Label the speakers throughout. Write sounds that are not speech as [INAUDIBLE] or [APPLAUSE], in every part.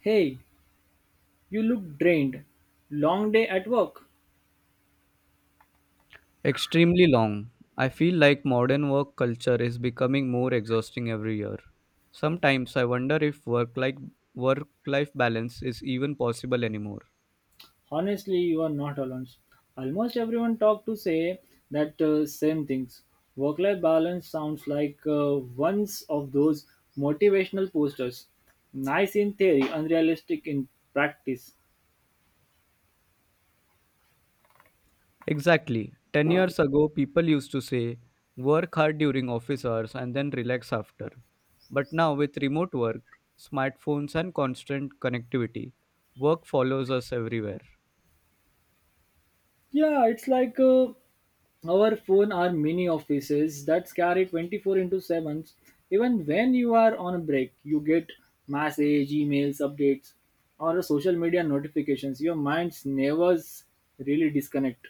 Speaker 1: Hey, you look drained. Long day at work?
Speaker 2: Extremely long. I feel like modern work culture is becoming more exhausting every year. Sometimes I wonder if work life balance is even possible anymore.
Speaker 1: Honestly, you are not alone. Almost everyone talk to say that same things. Work-life balance sounds like one's of those motivational posters. Nice in theory, unrealistic in practice.
Speaker 2: Exactly. 10 years ago people used to say work hard during office hours and then relax after. But now with remote work, smartphones and constant connectivity, work follows us everywhere.
Speaker 1: Yeah, it's like our phone are mini offices that carry 24 into 7. Even when you are on a break, you get message, emails, updates, or social media notifications. Your minds never really disconnect.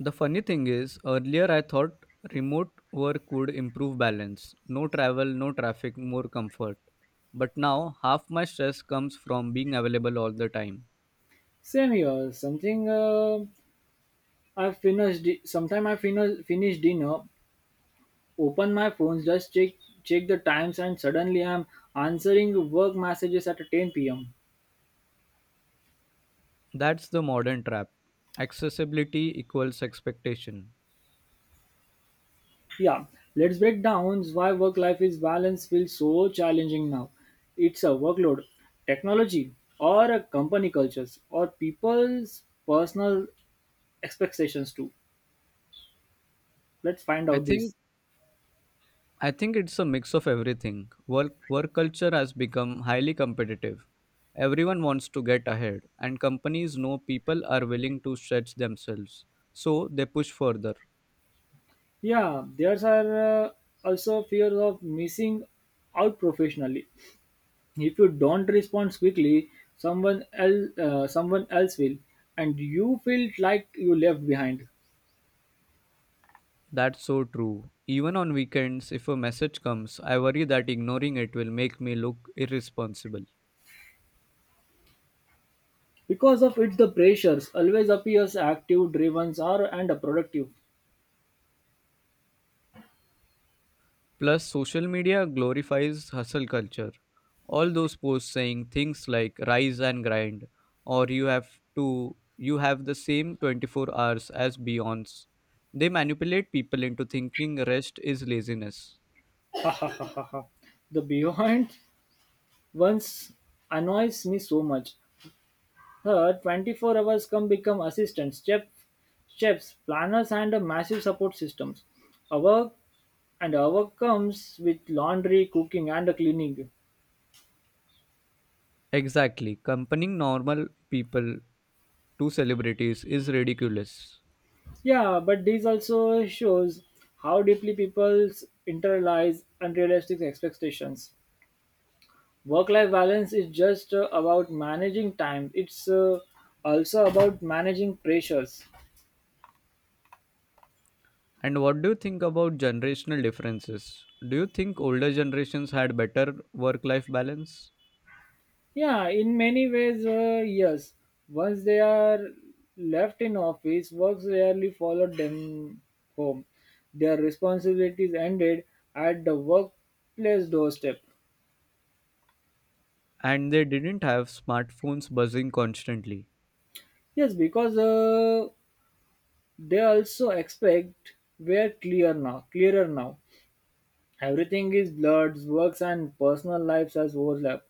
Speaker 2: The funny thing is, earlier I thought remote work would improve balance. No travel, no traffic, more comfort. But now, half my stress comes from being available all the time.
Speaker 1: Same here. Something I finished. Di- Sometime I finish dinner, open my phones, just check the times, and suddenly I'm answering work messages at 10 p.m.
Speaker 2: That's the modern trap. Accessibility equals expectation.
Speaker 1: Yeah, let's break down why work life is balance feels so challenging now. It's a workload, technology, or a company cultures, or people's personal expectations too. Let's find
Speaker 2: I
Speaker 1: out this.
Speaker 2: think I think it's a mix of everything. Work culture has become highly competitive. Everyone wants to get ahead, and companies know people are willing to stretch themselves, so they push further.
Speaker 1: Yeah, there's are also fears of missing out professionally. If you don't respond quickly, someone else will, and you feel like you left behind.
Speaker 2: That's so true. Even on weekends, if a message comes, I worry that ignoring it will make me look irresponsible.
Speaker 1: Because of it, the pressures always appears active, driven, or and productive.
Speaker 2: Plus, social media glorifies hustle culture. All those posts saying things like rise and grind, or you have the same 24 hours as Beyonce. They manipulate people into thinking rest is laziness.
Speaker 1: [LAUGHS] The behind ones annoys me so much. Her 24 hours come become assistants, chefs, planners, and a massive support systems. Our our comes with laundry, cooking, and cleaning.
Speaker 2: Exactly. Comparing normal people to celebrities is ridiculous.
Speaker 1: Yeah, but this also shows how deeply people's internalize unrealistic expectations. Work-life balance is just about managing time. It's also about managing pressures.
Speaker 2: And what do you think about generational differences? Do you think older generations had better work life balance?
Speaker 1: Yeah, in many ways, yes. Once they are left in office, works rarely followed them home. Their responsibilities ended at the workplace doorstep.
Speaker 2: And they didn't have smartphones buzzing constantly.
Speaker 1: Yes, because they also expect clearer now. Everything is blurred, works and personal lives as overlap.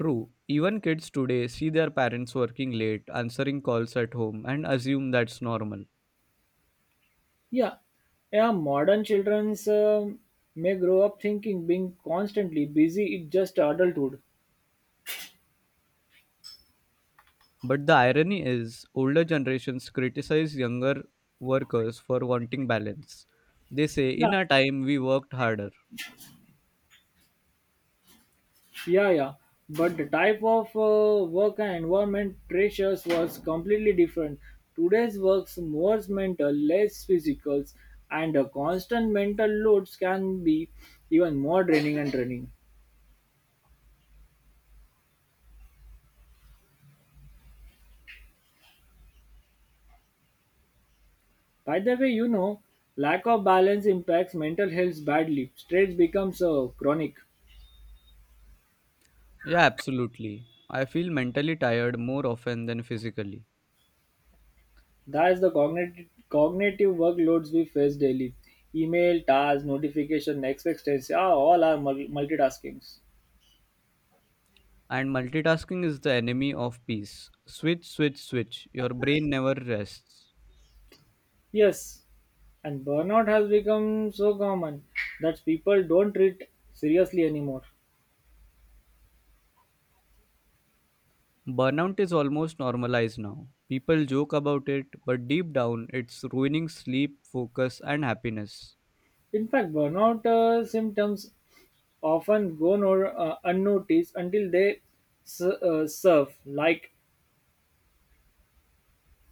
Speaker 2: True, even kids today see their parents working late, answering calls at home, and assume that's normal.
Speaker 1: Yeah, yeah. Modern childrens may grow up thinking being constantly busy is just adulthood.
Speaker 2: But the irony is, older generations criticize younger workers for wanting balance. They say,
Speaker 1: Yeah,
Speaker 2: in our time, we worked harder.
Speaker 1: yeah, yeah. But the type of work and environment pressures was completely different. Today's works more mental, less physical, and the constant mental loads can be even more draining. By the way, lack of balance impacts mental health badly. Stress becomes chronic.
Speaker 2: Yeah, absolutely. I feel mentally tired more often than physically.
Speaker 1: That's the cognitive workloads we face daily. Email, tasks, notification, expectancy, all are multitaskings.
Speaker 2: And multitasking is the enemy of peace. Switch, switch, switch. Your brain never rests.
Speaker 1: Yes, and burnout has become so common that people don't treat seriously anymore.
Speaker 2: Burnout is almost normalized now. People joke about it, but deep down, it's ruining sleep, focus, and happiness.
Speaker 1: In fact, burnout symptoms often go no, unnoticed until they serve, like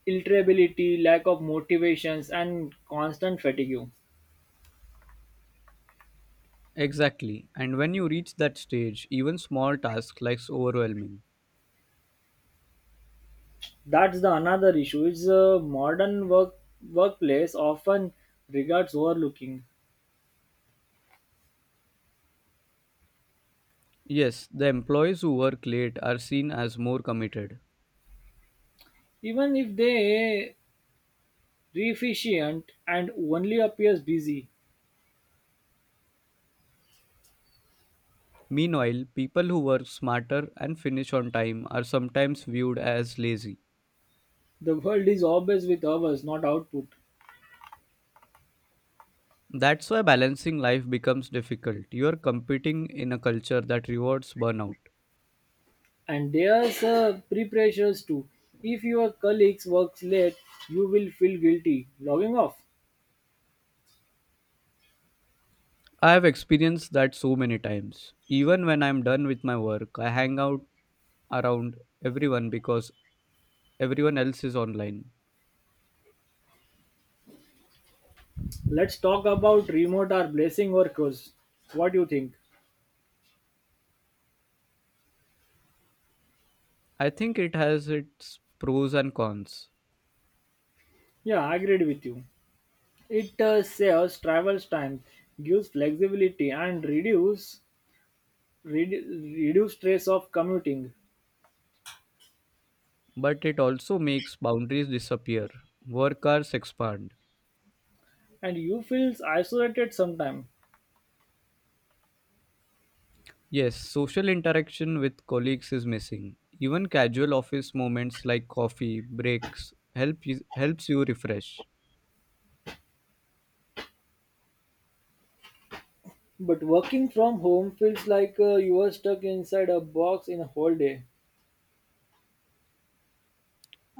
Speaker 1: irritability, lack of motivations, and constant fatigue.
Speaker 2: Exactly. And when you reach that stage, even small tasks like overwhelming.
Speaker 1: That's the another issue. It's a modern workplace often regards overlooking,
Speaker 2: Yes, the employees who work late are seen as more committed.
Speaker 1: even if they efficient and only appears busy.
Speaker 2: Meanwhile, people who work smarter and finish on time are sometimes viewed as lazy.
Speaker 1: The world is obsessed with hours, not output.
Speaker 2: That's why balancing life becomes difficult. You're competing in a culture that rewards burnout.
Speaker 1: And there's pre-pressures too. If your colleagues works late, you will feel guilty. Logging off.
Speaker 2: I have experienced that so many times. Even when I'm done with my work, I hang out around everyone because everyone else is online.
Speaker 1: Let's talk about remote or blessing or curse. What do you think?
Speaker 2: I think it has its pros and cons,
Speaker 1: Yeah, I agreed with you. It saves travel time, gives flexibility, and reduce stress of commuting.
Speaker 2: but it also makes boundaries disappear. Work hours expand.
Speaker 1: And you feels isolated sometimes.
Speaker 2: Yes, social interaction with colleagues is missing. Even casual office moments like coffee breaks helps you refresh.
Speaker 1: But working from home feels like you are stuck inside a box in a whole day.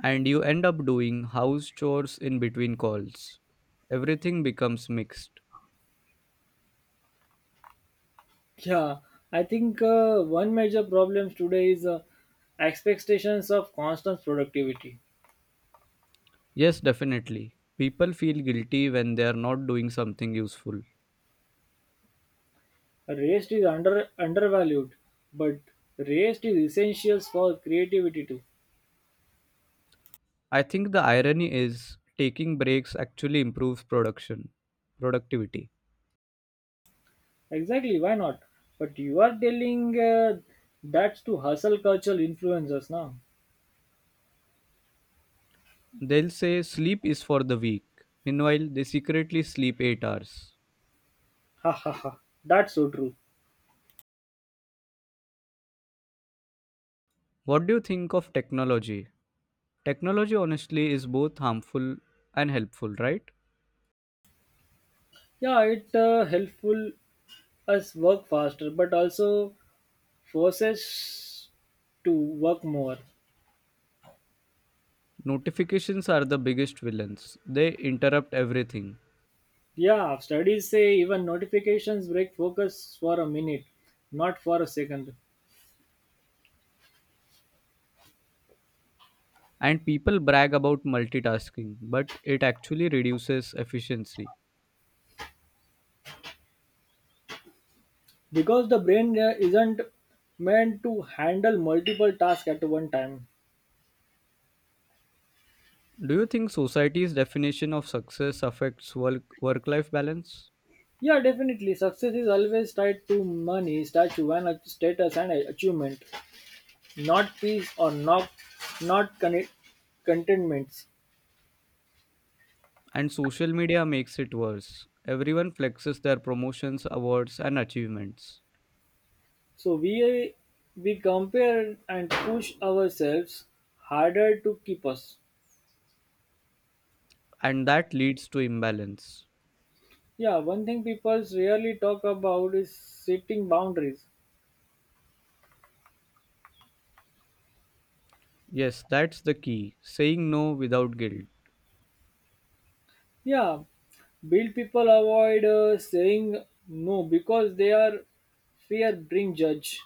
Speaker 2: And you end up doing house chores in between calls. Everything becomes mixed.
Speaker 1: Yeah, I think one major problem today is expectations of constant productivity.
Speaker 2: Yes, definitely. People feel guilty when they are not doing something useful.
Speaker 1: Rest is undervalued, but rest is essential for creativity too.
Speaker 2: I think the irony is taking breaks actually improves production productivity.
Speaker 1: Exactly, why not? But you are telling that's to hustle cultural influencers now.
Speaker 2: They'll say sleep is for the weak. Meanwhile, they secretly sleep 8 hours.
Speaker 1: Ha ha ha. That's so true.
Speaker 2: What do you think of technology? Technology honestly is both harmful and helpful, right?
Speaker 1: Yeah, it helpful us work faster, but also forces to work more.
Speaker 2: Notifications are the biggest villains. They interrupt everything.
Speaker 1: Yeah, studies say even notifications break focus for a minute, not for a second,
Speaker 2: And people brag about multitasking, but it actually reduces efficiency.
Speaker 1: because the brain isn't meant to handle multiple tasks at one time.
Speaker 2: Do you think society's definition of success affects work life balance?
Speaker 1: Yeah, definitely. Success is always tied to money, statue, and status and achievement, not peace or not contentments.
Speaker 2: And social media makes it worse. Everyone flexes their promotions, awards, and achievements.
Speaker 1: So we compare and push ourselves harder to keep us.
Speaker 2: And that leads to imbalance.
Speaker 1: Yeah, one thing people rarely talk about is setting boundaries.
Speaker 2: Yes, that's the key saying no without guilt
Speaker 1: Yeah, build people avoid saying no because they are fear bring judge.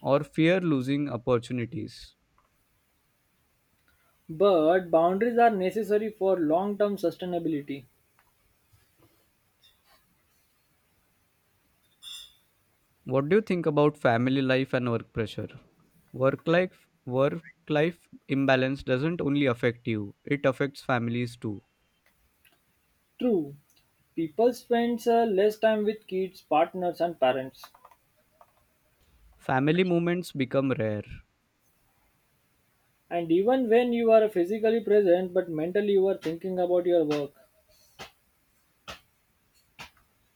Speaker 2: or fear losing opportunities.
Speaker 1: But boundaries are necessary for long term sustainability.
Speaker 2: What do you think about family life and work pressure? Work life imbalance doesn't only affect you, it affects families too.
Speaker 1: True, people spend less time with kids, partners, and parents.
Speaker 2: Family moments become rare.
Speaker 1: And even when you are physically present but mentally you are thinking about your work.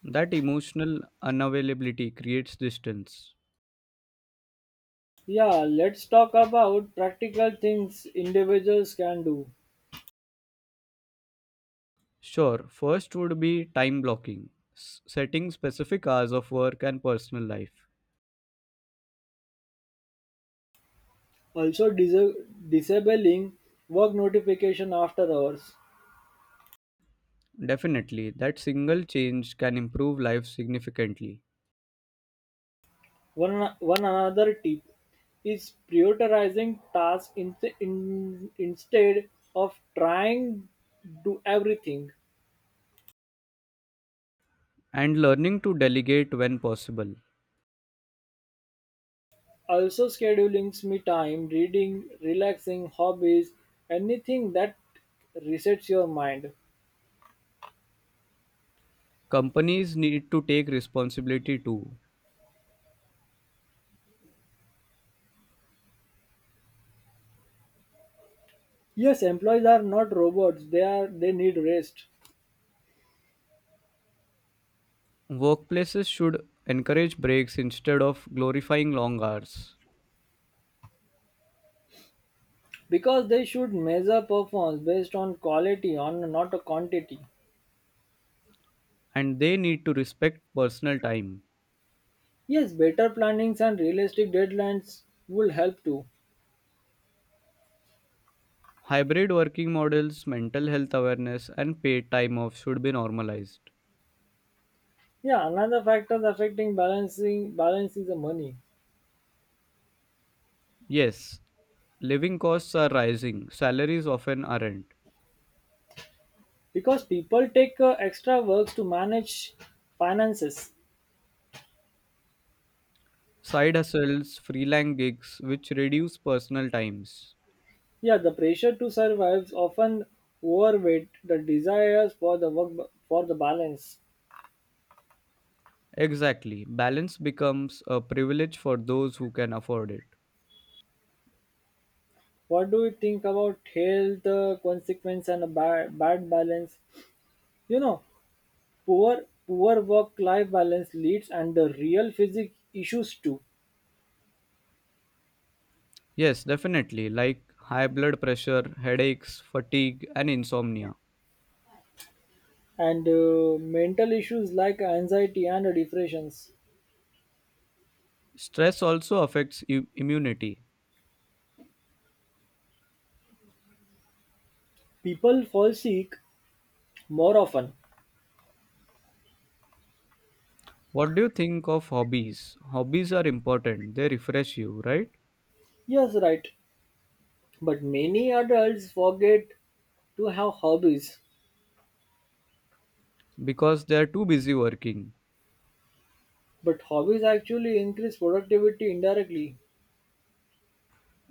Speaker 2: That emotional unavailability creates distance.
Speaker 1: Yeah, let's talk about practical things individuals can do.
Speaker 2: Sure, first would be time blocking, setting specific hours of work and personal life.
Speaker 1: Also, disabling work notification after hours.
Speaker 2: Definitely, that single change can improve life significantly.
Speaker 1: One another tip is prioritizing tasks instead of trying do everything.
Speaker 2: And learning to delegate when possible.
Speaker 1: Also scheduling me time, reading, relaxing, hobbies, anything that resets your mind.
Speaker 2: Companies need to take responsibility too.
Speaker 1: Yes, employees are not robots. They need rest
Speaker 2: Workplaces should encourage breaks instead of glorifying long hours,
Speaker 1: because they should measure performance based on quality, on not a quantity.
Speaker 2: and they need to respect personal time.
Speaker 1: Yes, better plannings and realistic deadlines will help too.
Speaker 2: Hybrid working models, mental health awareness, and paid time off should be normalized.
Speaker 1: Yeah, another factor affecting balancing balance is the money
Speaker 2: Yes, living costs are rising, salaries often aren't.
Speaker 1: because people take extra works to manage finances.
Speaker 2: Side hustles, freelance gigs, which reduce personal times.
Speaker 1: Yeah, the pressure to survive often overweight the desires for the balance.
Speaker 2: Exactly, balance becomes a privilege for those who can afford it.
Speaker 1: What do you think about health consequence and a bad balance? You know, poor work life balance leads and the real physic issues too,
Speaker 2: Yes, definitely, like high blood pressure, headaches, fatigue, and insomnia.
Speaker 1: and mental issues like anxiety and depressions
Speaker 2: Stress also affects immunity.
Speaker 1: people fall sick more often,
Speaker 2: What do you think of hobbies? Hobbies are important, they refresh you, right?
Speaker 1: yes, right. But many adults forget to have hobbies.
Speaker 2: Because they are too busy working.
Speaker 1: But hobbies actually increase productivity indirectly.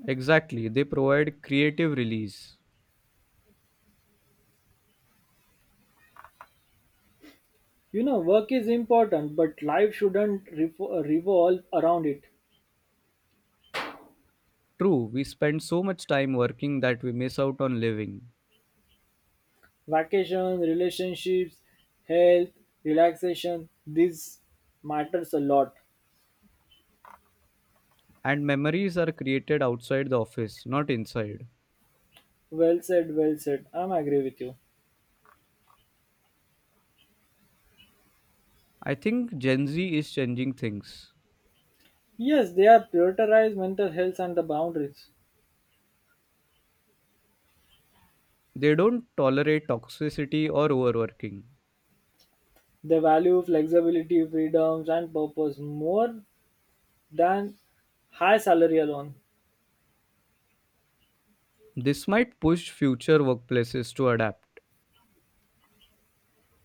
Speaker 2: Exactly, they provide creative release.
Speaker 1: You know, work is important, but life shouldn't revolve around it.
Speaker 2: True, we spend so much time working that we miss out on living.
Speaker 1: Vacations, relationships, health, relaxation, this matters a lot.
Speaker 2: And memories are created outside the office, not inside.
Speaker 1: Well said, well said. I'm agree with you.
Speaker 2: I think Gen Z is changing things.
Speaker 1: Yes, they are prioritize mental health and the boundaries.
Speaker 2: They don't tolerate toxicity or overworking.
Speaker 1: They value flexibility, freedoms, and purpose more than high salary alone.
Speaker 2: This might push future workplaces to adapt.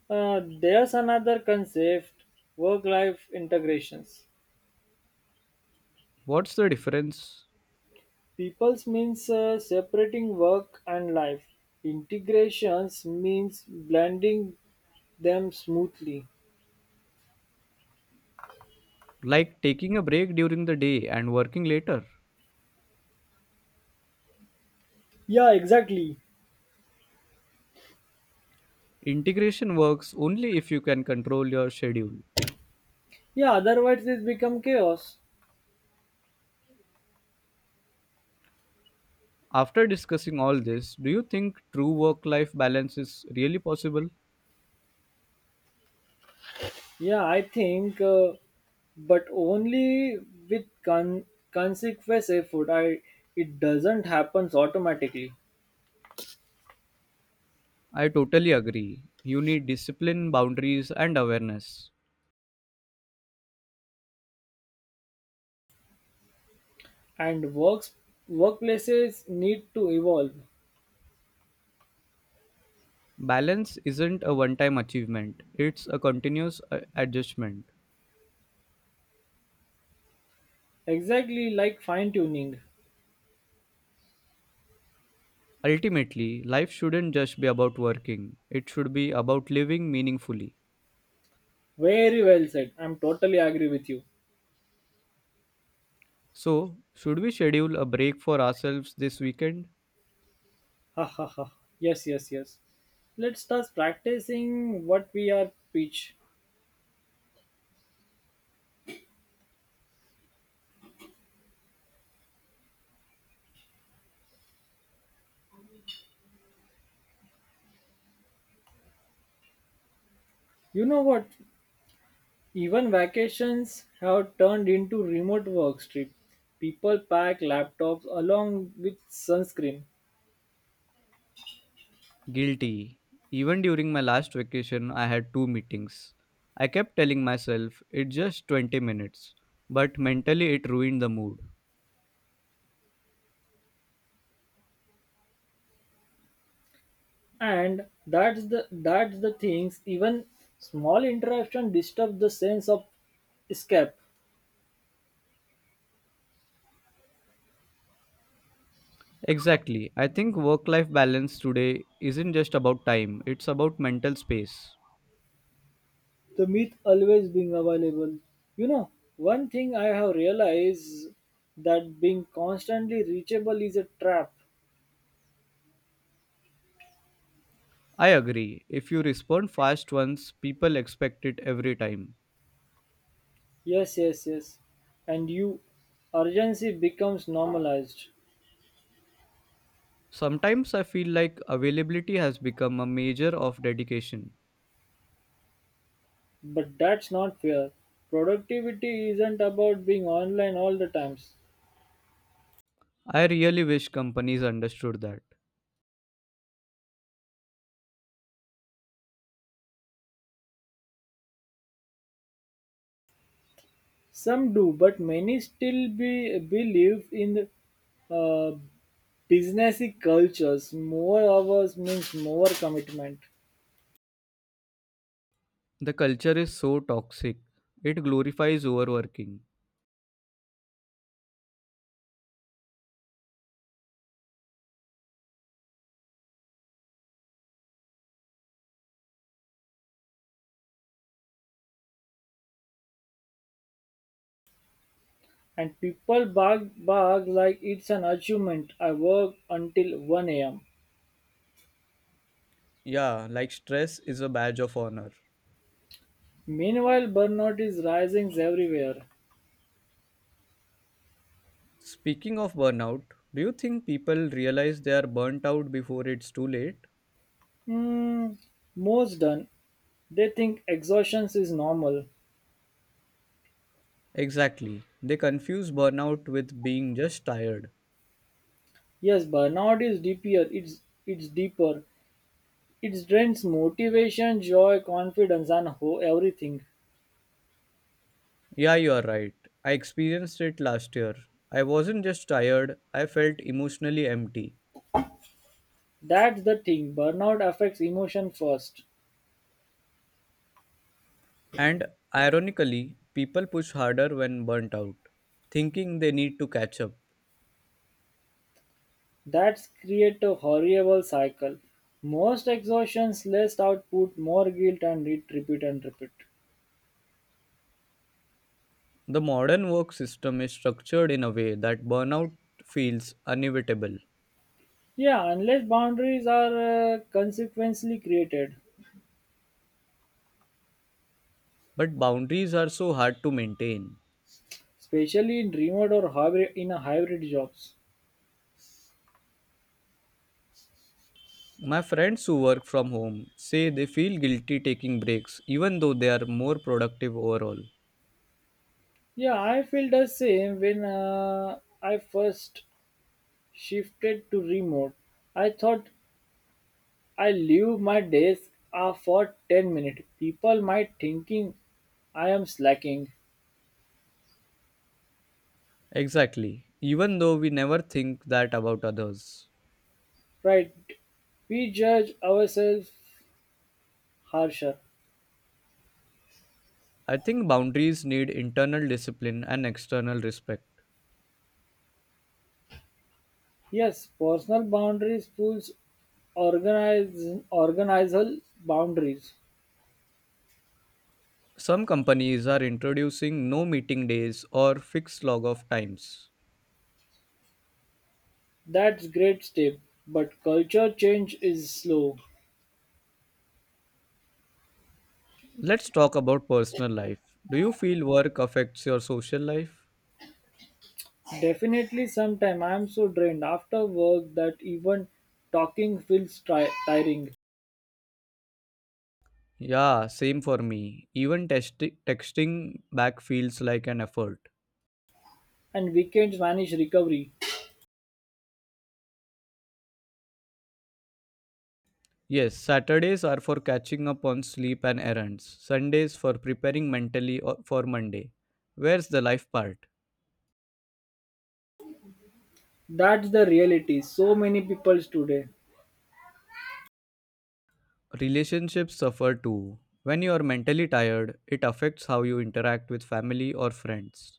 Speaker 1: There's another concept work life integrations.
Speaker 2: What's the difference?
Speaker 1: People's means separating work and life, integrations means blending them smoothly.
Speaker 2: Like taking a break during the day and working later.
Speaker 1: Yeah, exactly.
Speaker 2: Integration works only if you can control your schedule.
Speaker 1: Yeah, otherwise it become chaos.
Speaker 2: After discussing all this, do you think true work life balance is really possible?
Speaker 1: Yeah, I think, but only with consequence effort. I It doesn't happens automatically.
Speaker 2: I totally agree. You need discipline, boundaries, and awareness.
Speaker 1: And works workplaces need to evolve,
Speaker 2: Balance isn't a one time achievement, it's a continuous adjustment.
Speaker 1: exactly like fine tuning.
Speaker 2: Ultimately, life shouldn't just be about working, it should be about living meaningfully.
Speaker 1: Very well said, I'm totally agree with you.
Speaker 2: So, should we schedule a break for ourselves this weekend?
Speaker 1: Ha ha ha. Yes, yes, yes, let's start practicing what we are preach. You know what, even vacations have turned into remote work trip. People pack laptops along with sunscreen.
Speaker 2: Guilty. Even during my last vacation, I had two meetings. I kept telling myself it's just 20 minutes, but mentally it ruined the mood.
Speaker 1: And that's the things, even small interruption disturb the sense of escape.
Speaker 2: Exactly. I think work life balance today isn't just about time, it's about mental space.
Speaker 1: The myth always being available. you know One thing I have realized that being constantly reachable is a trap.
Speaker 2: I agree. If you respond fast once, people expect it every time.
Speaker 1: Yes, yes, yes, and you urgency becomes normalized.
Speaker 2: Sometimes I feel like availability has become a measure of dedication.
Speaker 1: But that's not fair. Productivity isn't about being online all the times.
Speaker 2: I really wish companies understood that.
Speaker 1: Some do, but many still be believe in uh, businessy cultures. More hours means more commitment.
Speaker 2: The culture is so toxic, it glorifies overworking.
Speaker 1: And people bark like it's an achievement. I work until 1 a.m.
Speaker 2: Yeah, like stress is a badge of honor.
Speaker 1: Meanwhile, burnout is rising everywhere.
Speaker 2: Speaking of burnout, do you think people realize they are burnt out before it's too late?
Speaker 1: Hmm, most done. They think exhaustion is normal.
Speaker 2: Exactly. They confuse burnout with being just tired.
Speaker 1: Yes, burnout is deeper. It's deeper. It drains motivation, joy, confidence, and everything.
Speaker 2: Yeah, you are right. I experienced it last year. I wasn't just tired, I felt emotionally empty.
Speaker 1: That's the thing. Burnout affects emotion first.
Speaker 2: And ironically, people push harder when burnt out, thinking they need to catch up.
Speaker 1: That creates a horrible cycle. Most exhaustions, less output, more guilt, and it repeat and repeat.
Speaker 2: The modern work system is structured in a way that burnout feels inevitable,
Speaker 1: Yeah, unless boundaries are consequently created,
Speaker 2: but boundaries are so hard to maintain.
Speaker 1: especially in remote or hybrid in a hybrid jobs.
Speaker 2: My friends who work from home say they feel guilty taking breaks, even though they are more productive overall.
Speaker 1: Yeah, I feel the same when I first shifted to remote. I thought I leave my desk for 10 minutes. People might thinking I am slacking.
Speaker 2: Exactly, even though we never think that about others.
Speaker 1: Right. We judge ourselves harsher.
Speaker 2: I think boundaries need internal discipline and external respect.
Speaker 1: Yes, personal boundaries pulls organize organizational boundaries.
Speaker 2: Some companies are introducing no meeting days or fixed log off times.
Speaker 1: That's great step. But culture change is slow.
Speaker 2: Let's talk about personal life. Do you feel work affects your social life?
Speaker 1: Definitely sometime I'm so drained after work that even talking feels tiring,
Speaker 2: Yeah, same for me. Even texting back feels like an effort.
Speaker 1: and weekends vanish recovery.
Speaker 2: Yes, Saturdays are for catching up on sleep and errands, Sundays for preparing mentally for Monday. Where's the life part?
Speaker 1: That's the reality. So many people today.
Speaker 2: Relationships suffer too. When you are mentally tired, it affects how you interact with family or friends.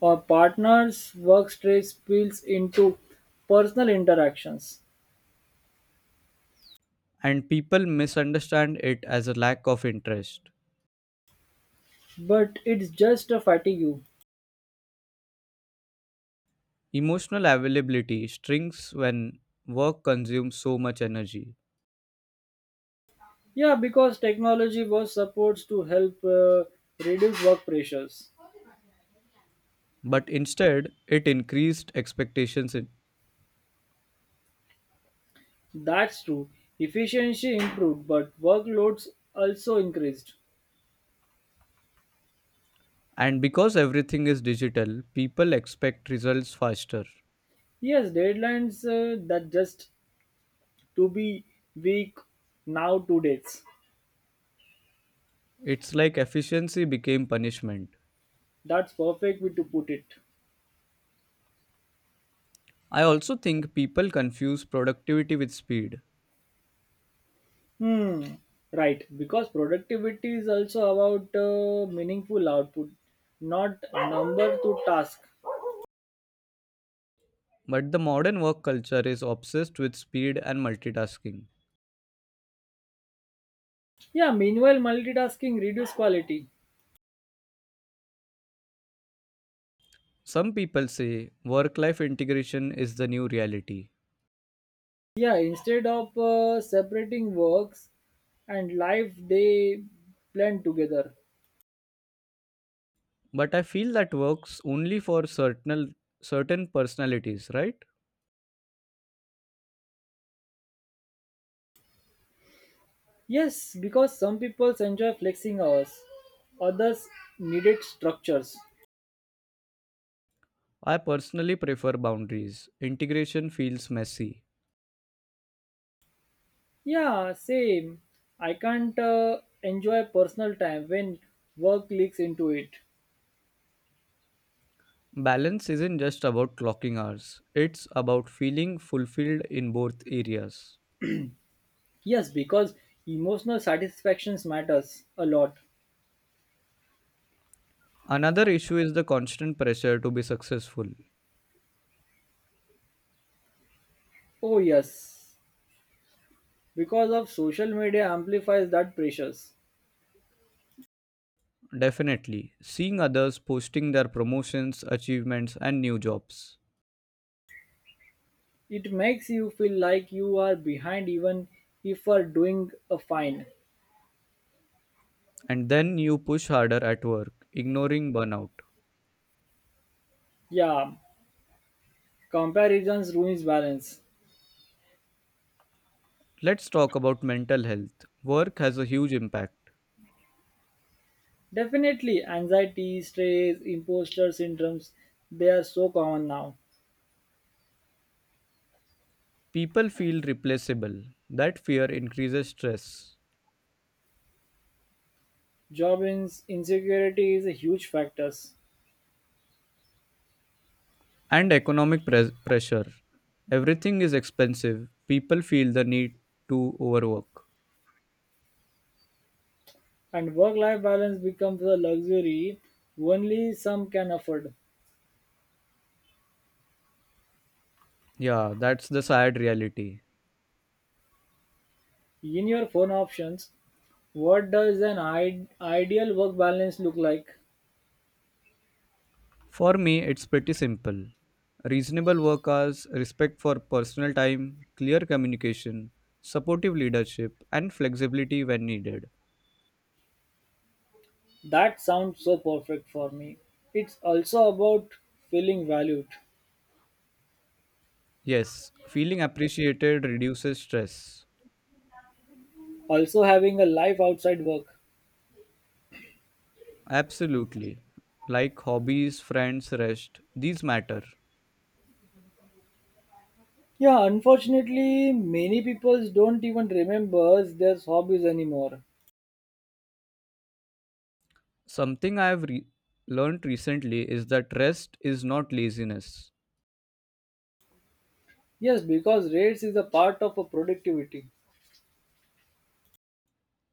Speaker 1: Our partners' work stress spills into personal interactions.
Speaker 2: And people misunderstand it as a lack of interest.
Speaker 1: But it's just a fatigue.
Speaker 2: Emotional availability shrinks when work consumes so much energy,
Speaker 1: Yeah, because technology was supposed to help reduce work pressures.
Speaker 2: but instead, it increased expectations.
Speaker 1: That's true, efficiency improved but workloads also increased.
Speaker 2: And because everything is digital, people expect results faster.
Speaker 1: Yes, deadlines that just to be weak now 2 days.
Speaker 2: It's like efficiency became punishment.
Speaker 1: That's perfect way to put it.
Speaker 2: I also think people confuse productivity with speed,
Speaker 1: Hmm, right, because productivity is also about meaningful output, not number to task.
Speaker 2: but the modern work culture is obsessed with speed and multitasking.
Speaker 1: Yeah, meanwhile multitasking reduce quality.
Speaker 2: Some people say work life integration is the new reality,
Speaker 1: Yeah, instead of separating works and life, they blend together.
Speaker 2: but I feel that works only for certain personalities, right?
Speaker 1: Yes, because some people enjoy flexing hours, others needed structures.
Speaker 2: I personally prefer boundaries. Integration feels messy.
Speaker 1: Yeah, same. I can't enjoy personal time when work leaks into it.
Speaker 2: Balance isn't just about clocking hours, it's about feeling fulfilled in both areas.
Speaker 1: Yes, because emotional satisfactions matters a lot.
Speaker 2: Another issue is the constant pressure to be successful.
Speaker 1: Oh yes, because of social media amplifies that pressures.
Speaker 2: Definitely, seeing others posting their promotions, achievements and new jobs,
Speaker 1: It makes you feel like you are behind even if you are doing a fine.
Speaker 2: and then you push harder at work ignoring burnout.
Speaker 1: Yeah, comparisons ruins balance.
Speaker 2: Let's talk about mental health. Work has a huge impact.
Speaker 1: Definitely, anxiety, stress, imposter syndromes, they are so common now.
Speaker 2: People feel replaceable. That fear increases stress
Speaker 1: Job insecurity is a huge factor.
Speaker 2: and economic pressure. Everything is expensive. People feel the need to overwork.
Speaker 1: And work-life balance becomes a luxury only some can afford.
Speaker 2: Yeah, that's the sad reality.
Speaker 1: In your phone options, what does an ideal work balance look like?
Speaker 2: For me, it's pretty simple. Reasonable work hours, respect for personal time, clear communication, supportive leadership, and flexibility when needed.
Speaker 1: That sounds so perfect for me. It's also about feeling valued,
Speaker 2: Yes, feeling appreciated reduces stress.
Speaker 1: also having a life outside work.
Speaker 2: Absolutely. Like hobbies, friends, rest, these matter.
Speaker 1: Yeah, unfortunately, many people don't even remember their hobbies anymore.
Speaker 2: Something I have learned recently is that rest is not laziness.
Speaker 1: Yes, because rates is a part of a productivity,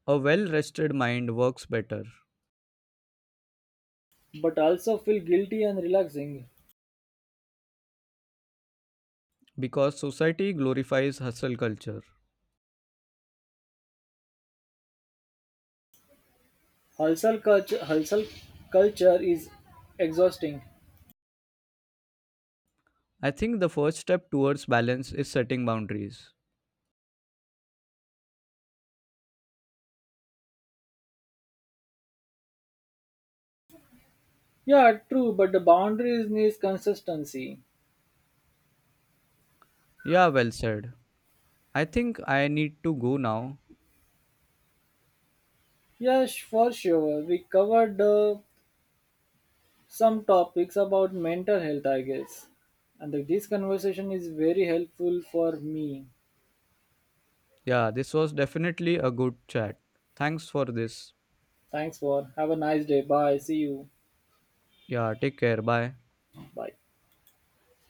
Speaker 2: A well rested mind works better
Speaker 1: but also feel guilty and relaxing.
Speaker 2: because society glorifies hustle culture.
Speaker 1: Hustle culture is exhausting.
Speaker 2: I think the first step towards balance is setting boundaries.
Speaker 1: Yeah, true, but the boundaries needs consistency.
Speaker 2: Yeah, well said. I think I need to go now.
Speaker 1: Yes, for sure. We covered some topics about mental health, I guess. And that this conversation is very helpful for me.
Speaker 2: Yeah, this was definitely a good chat. Thanks for this.
Speaker 1: Thanks for. Have a nice day. Bye. See you.
Speaker 2: Yeah, take care. Bye.
Speaker 1: Bye.